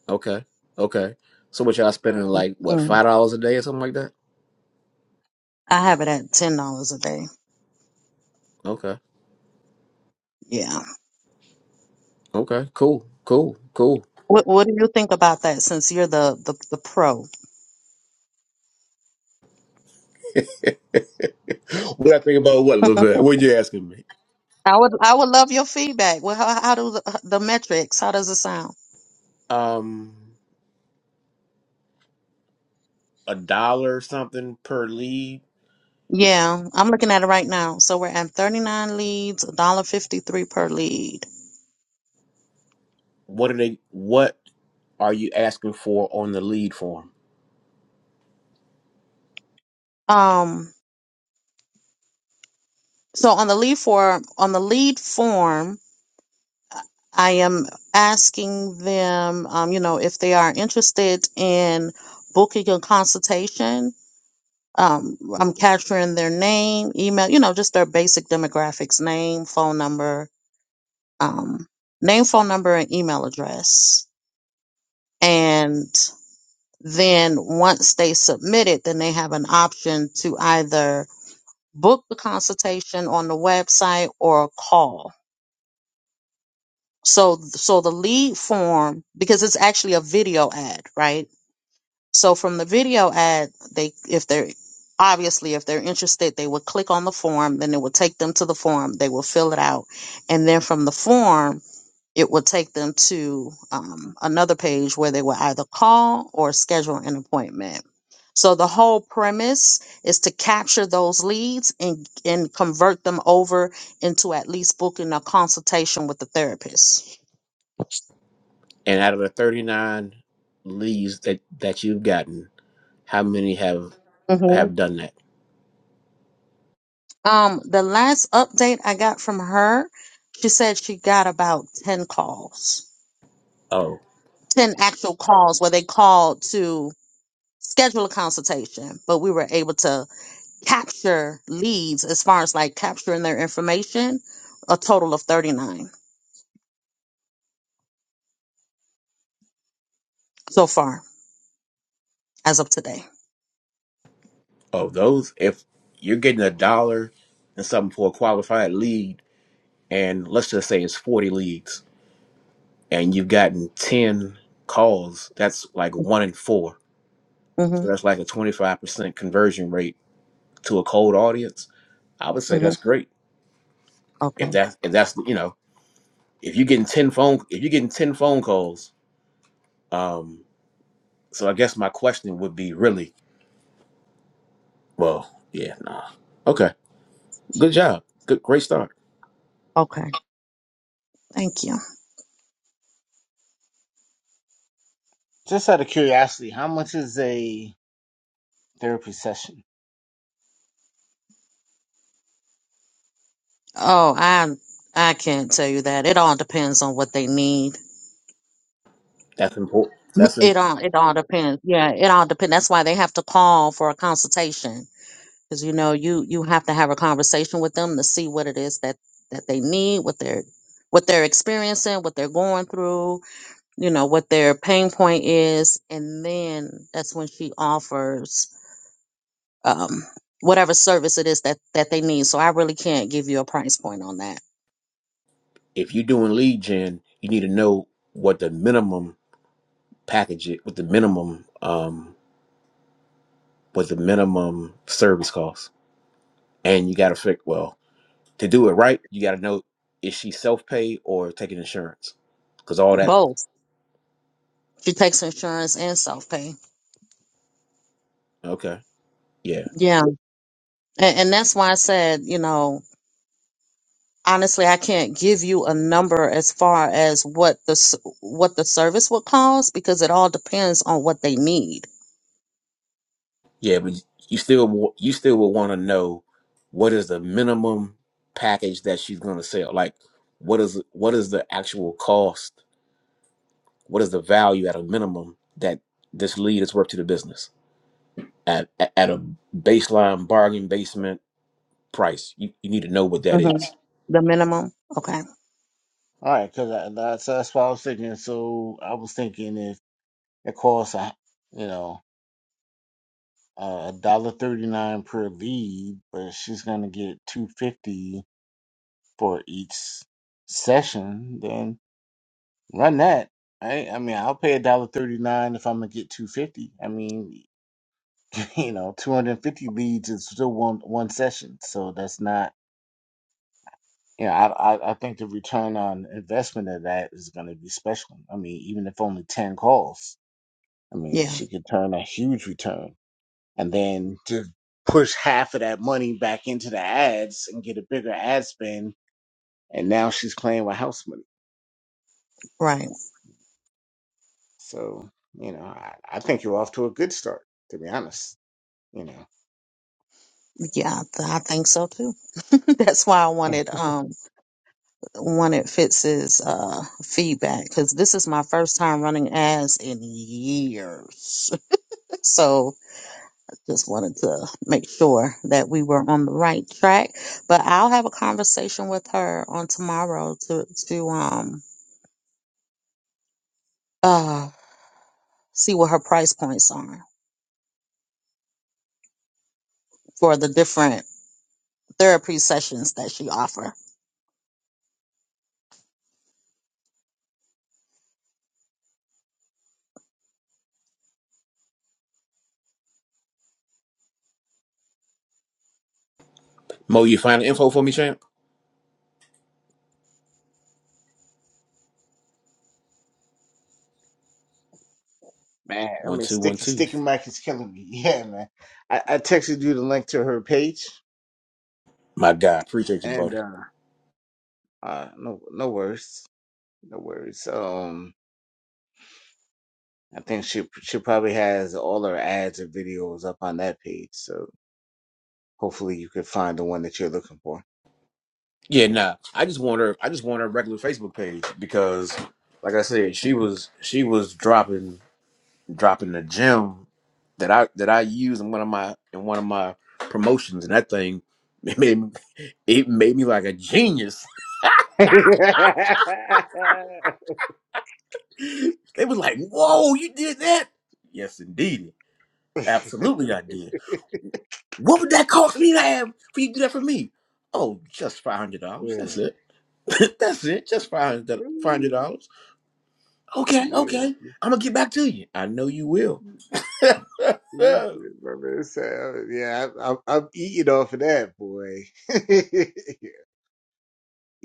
S5: Okay. Okay. So what y'all spending like what
S3: Mm,
S5: five dollars a day or something like that?
S3: I have it at ten dollars a day.
S5: Okay.
S3: Yeah.
S5: Okay. Cool. Cool. Cool.
S3: What What do you think about that? Since you're the the, the pro,
S5: <laughs> What I think about what
S3: <laughs>
S5: Levette? What you asking me?
S3: I would I would love your feedback. Well, how, how do the, the metrics? How does it sound?
S5: Um a dollar or something per lead.
S3: Yeah, I'm looking at it right now. So we're at 39 leads, one dollar 53 per lead.
S5: What are they what are you asking for on the lead form?
S3: Um, so on the lead form, on the lead form, I am asking them, um, you know, if they are interested in booking a consultation. Um, I'm capturing their name, email, you know, just their basic demographics, name, phone number, um, name, phone number, and email address. and then once they submit it, then they have an option to either book the consultation on the website or call. So, so the lead form, because it's actually a video ad, right? So from the video ad, they, if they're, obviously, if they're interested, they would click on the form, then it would take them to the form, they will fill it out. And then from the form, it will take them to um, another page where they will either call or schedule an appointment. So the whole premise is to capture those leads and, and convert them over into at least booking a consultation with the therapist.
S5: And out of the thirty nine leads that that you've gotten, how many have
S3: Mhm.
S5: have done that?
S3: Um, the last update I got from her, she said she got about 10 calls,
S5: Oh,
S3: 10 actual calls where they called to schedule a consultation, but we were able to capture leads as far as like capturing their information, a total of 39 so far as of today.
S5: oh, those if you're getting a dollar and something for a qualified lead, and let's just say it's 40 leads and you've gotten 10 calls that's like one in four
S3: hmm
S5: so that's like a 25% conversion rate to a cold audience i would say
S3: hmm
S5: that's great if
S3: Okay.
S5: that if that's you know if you're getting 10 phone if you're getting 10 phone calls um so i guess my question would be really well yeah nah okay good job good great start
S3: Okay. Thank you.
S1: Just out of curiosity, how much is a therapy session?
S3: Oh, I I can't tell you that. It all depends on what they need.
S5: that's important
S3: <laughs>
S5: that's in,
S3: It all it all depends. Yeah, it all depends. That's why they have to call for a consultation. because you know you you have to have a conversation with them to see what it is that that they need what they're what they're experiencing what they're going through you know what their pain point is and then that's when she offers um, whatever service it is that that they need. So I really can't give you a price point on that.
S5: if you're doing lead gen you need to know what the minimum package it with the minimum um with the minimum service cost. And you got to figure, well, to do it right, you got to know is she self pay or taking insurance? Because all that,
S3: Both. She takes insurance and self pay.
S5: okay, yeah,
S3: Yeah, and, and that's why I said, you know, honestly i can't give you a number as far as what the s- what the service would cost because it all depends on what they need
S5: yeah, but you still wa- you still will want to know what is the minimum package that she's going to sell. Like, what is what is the actual cost? What is the value at a minimum that this lead is worth to the business at at at a baseline bargain basement price? You, you need to know what that is.
S3: hmm the minimum okay
S1: All right, because that's that's what I was thinking. So I was thinking if it costs a you know a dollar thirty nine per lead, but she's gonna get two fifty for each session, then run that. Right? I mean, I'll pay a dollar thirty nine if I'm gonna get two fifty. I mean, <laughs> you know, two hundred fifty leads is still one one session, so that's not. You know, I, I I think the return on investment of that is going to be special. I mean, even if only ten calls I mean,
S3: yeah
S1: she could turn a huge return. And then to push half of that money back into the ads and get a bigger ad spend. And now she's playing with house money.
S3: right
S1: So, you know, I, I think you're off to a good start, to be honest. You know,
S3: yeah th- i think so too <laughs> that's why i wanted um wanted fitz's uh feedback because this is my first time running ads in years <laughs> so just wanted to make sure that we were on the right track but i'll have a conversation with her on tomorrow to to um uh, see what her price points are for the different therapy sessions that she offer.
S5: Mo, you find the info for me, champ?
S1: man, I
S5: One
S1: mean,
S5: two one
S1: Sticky,
S5: two.
S1: Sticky Mike is killing me. <laughs> Yeah, man. I, I texted you the link to her page
S5: My God, appreciate you,
S1: and,
S5: buddy.
S1: uh, uh no, no worries. No worries. Um, I think she she probably has all her ads and videos up on that page. So, Hopefully, you can find the one that you're looking for.
S5: Yeah,
S1: Yeah.
S5: nah. I just want her. I just want her regular Facebook page because, like I said, she was she was dropping dropping the gem that I that I use in one of my in one of my promotions, and that thing <laughs> it made me, it made me like a genius.
S1: <laughs> yeah.
S5: <laughs> they was like, "Whoa, you did that?" Yes, indeed, absolutely, I did. What would that cost me to have for you to do that for me? Oh, just five hundred dollars. That's it. <laughs> That's it. Just five hundred five hundred
S1: Ooh,
S5: dollars. Okay,
S1: yeah.
S5: okay. I'm gonna get back to you. I know you will.
S1: You good, My man Sam. Yeah, I'm, I'm, I'm eating off of that, boy. <laughs>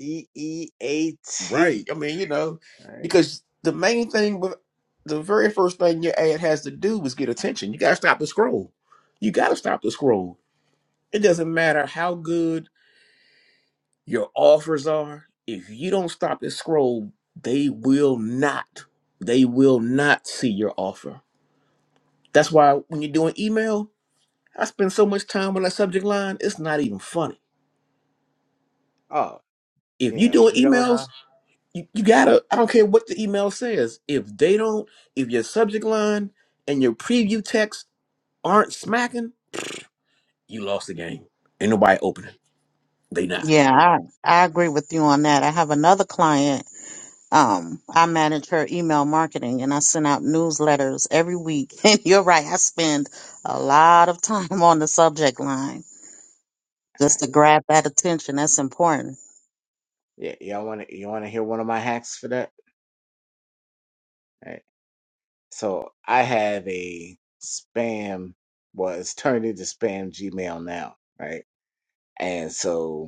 S1: E E A
S5: <laughs> right.
S1: T.
S5: I mean, you know,
S1: All right.
S5: because the main thing with the very first thing your ad has to do is get attention. You gotta stop the scroll. You gotta stop the scroll. It doesn't matter how good your offers are, if you don't stop the scroll, they will not. They will not see your offer. That's why when you're doing email, I spend so much time on that subject line, it's not even funny.
S1: Oh,
S5: If
S1: you
S5: you
S1: know,
S5: doing
S1: you don't know. All
S5: emails, you, you gotta, I don't care what the email says. If they don't, if your subject line and your preview text aren't smacking, you lost the game. Ain't nobody opening. They not.
S3: Yeah, I, I agree with you on that. I have another client. Um, I manage her email marketing and I send out newsletters every week. <laughs> And you're right, I spend a lot of time on the subject line
S1: right.
S3: just to grab that attention. That's important.
S1: Yeah, y'all want to you want to hear one of my hacks for that? All right. So I have a spam. Well, it's turned into spam Gmail now, right? And so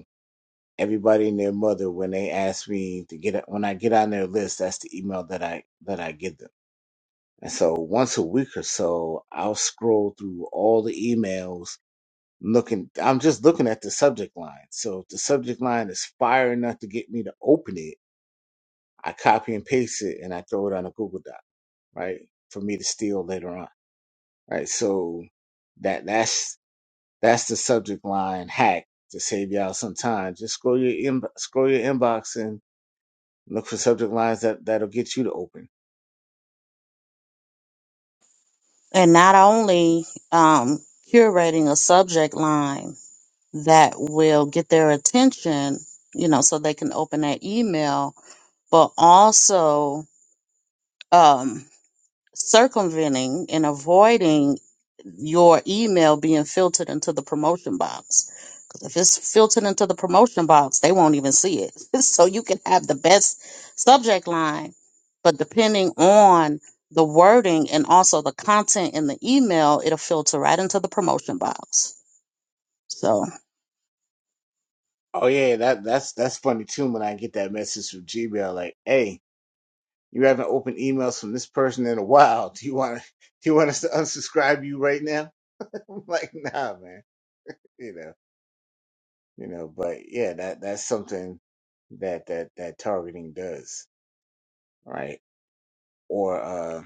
S1: everybody and their mother when they ask me to get when I get on their list, that's the email that I that I give them. And so once a week or so, I'll scroll through all the emails looking I'm just looking at the subject line. So if the subject line is fire enough to get me to open it, I copy and paste it and I throw it on a Google Doc, right? For me to steal later on. Right. So that that's that's the subject line hack to save y'all some time. Just scroll your in, scroll your inbox and Look for subject lines that that'll get you to open.
S3: And not only um, curating a subject line that will get their attention, you know, so they can open that email, but also um, circumventing and avoiding your email being filtered into the promotion box. Because if it's filtered into the promotion box, they won't even see it. <laughs> so you can have the best subject line, but depending on the wording and also the content in the email, it'll filter right into the promotion box. So.
S1: Oh yeah, yeah, that that's that's funny too. When I get that message from Gmail, like, "Hey, you haven't opened emails from this person in a while. Do you want to <laughs> do you want us to unsubscribe you right now?" <laughs> I'm like, "Nah, man. You know, you know." But yeah, that that's something that that that targeting does, right? Or uh,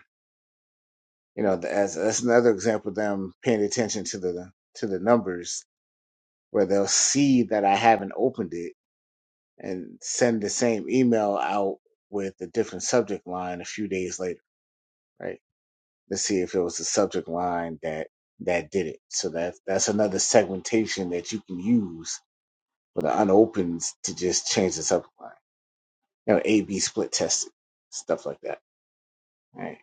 S1: you know, as that's another example of them paying attention to the to the numbers where they'll see that I haven't opened it and send the same email out with a different subject line a few days later, right? Let's see if it was the subject line that that did it. So that that's another segmentation that you can use for the unopens to just change the subject line. You know, A B split testing, stuff like that. All right.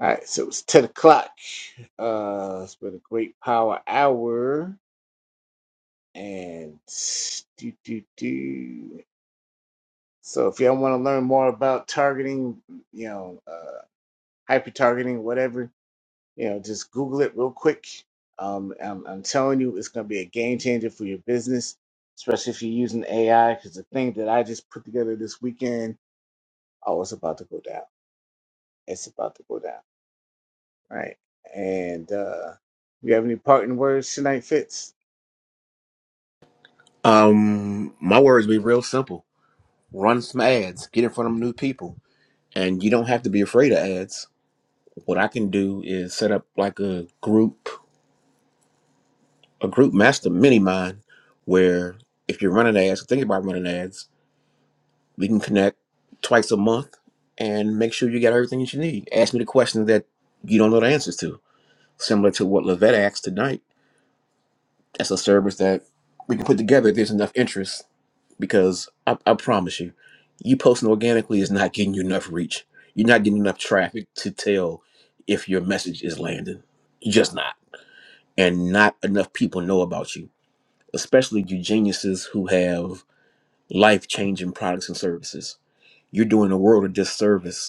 S1: All right, so it's ten o'clock. Uh it's been a great power hour and do do do so if y'all want to learn more about targeting, you know, uh, hyper targeting, whatever. You know, just Google it real quick. Um, I'm, I'm telling you, it's going to be a game changer for your business, especially if you're using AI. Because the thing that I just put together this weekend, oh, it's about to go down. It's about to go down, right? And uh, you have any parting words tonight, Fitz?
S5: Um, my words be real simple. Run some ads, get in front of new people. And you don't have to be afraid of ads. What I can do is set up like a group, a group master mini mind where if you're running ads, think about running ads We can connect twice a month and make sure you got everything that you need. Ask me the questions that you don't know the answers to, similar to what Lavette asked tonight. That's a service that we can put together if there's enough interest, because I, I promise you, you posting organically is not getting you enough reach. You're not getting enough traffic to tell if your message is landing. You're just not. And not enough people know about you, especially you geniuses who have life changing products and services. You're doing the world a disservice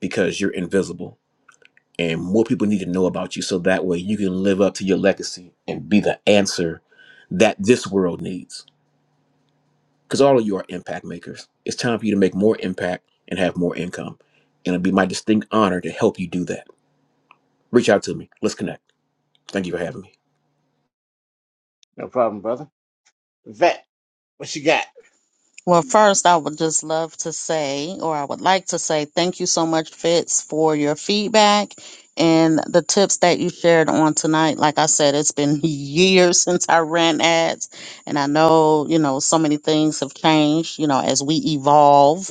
S5: because you're invisible and more people need to know about you so that way you can live up to your legacy and be the answer that this world needs because all of you are impact makers it's time for you to make more impact and have more income and it'll be my distinct honor to help you do that reach out to me let's connect thank you for having me
S1: No problem, brother. Vet, what you got?
S3: Well, first, I would just love to say, or I would like to say, thank you so much, Fitz, for your feedback and the tips that you shared on tonight. Like I said, it's been <laughs> years since I ran ads, and I know, you know, so many things have changed, you know, as we evolve.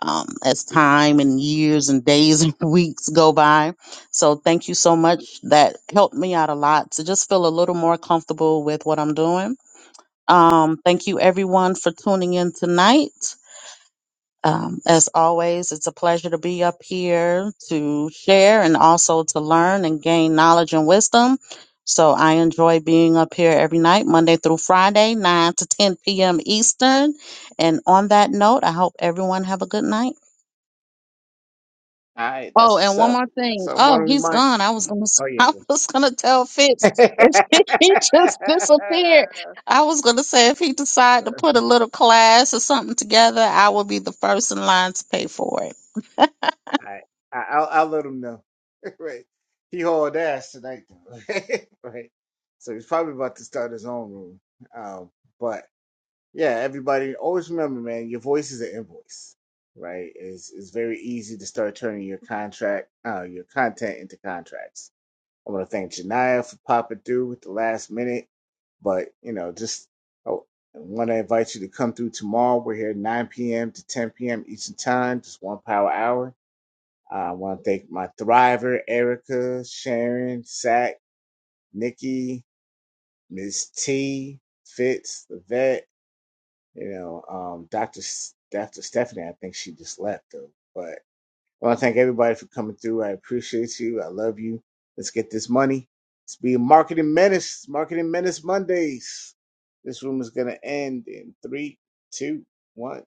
S3: Um, as time and years and days and <laughs> weeks go by. So, thank you so much. That helped me out a lot to just feel a little more comfortable with what I'm doing um, thank you, everyone, for tuning in tonight. Um, as always, it's a pleasure to be up here to share and also to learn and gain knowledge and wisdom. So I enjoy being up here every night, Monday through Friday, 9 to 10 p.m. Eastern. And on that note, I hope everyone have a good night.
S1: All right,
S3: Oh,
S1: that's
S3: and
S1: what's
S3: one
S1: up.
S3: more thing.
S1: So I want
S3: Oh,
S1: to
S3: he's
S1: remind.
S3: gone. I was gonna,
S1: Oh
S3: <laughs>
S1: yeah.
S3: I was gonna tell Fitz
S1: <laughs>
S3: if <laughs> he just disappeared. I was gonna say if he decided to
S1: All
S3: put a little class or something together, I will be the first in line to pay for it.
S1: right, I- I'll, I'll let them know. right. He hauled ass tonight though. <laughs> right. So he's probably about to start his own room. Um, but yeah, everybody always remember, man, your voice is an invoice. Right? It's it's very easy to start turning your contract uh your content into contracts. I wanna thank Janaya for popping through with the last minute. But you know, just oh, I want to invite you to come through tomorrow. We're here 9 p.m. to 10 p.m. Eastern Time, just one power hour I want to thank my Thriver, Erica, Sharon, Sack, Nikki, Miss T, Fitz, the vet, you know, um, Dr. S- Dr. Stephanie. I think she just left though. But I want to thank everybody for coming through. I appreciate you. I love you. Let's get this money. It's be marketing menace. marketing menace Mondays. This room is gonna end in three, two, one.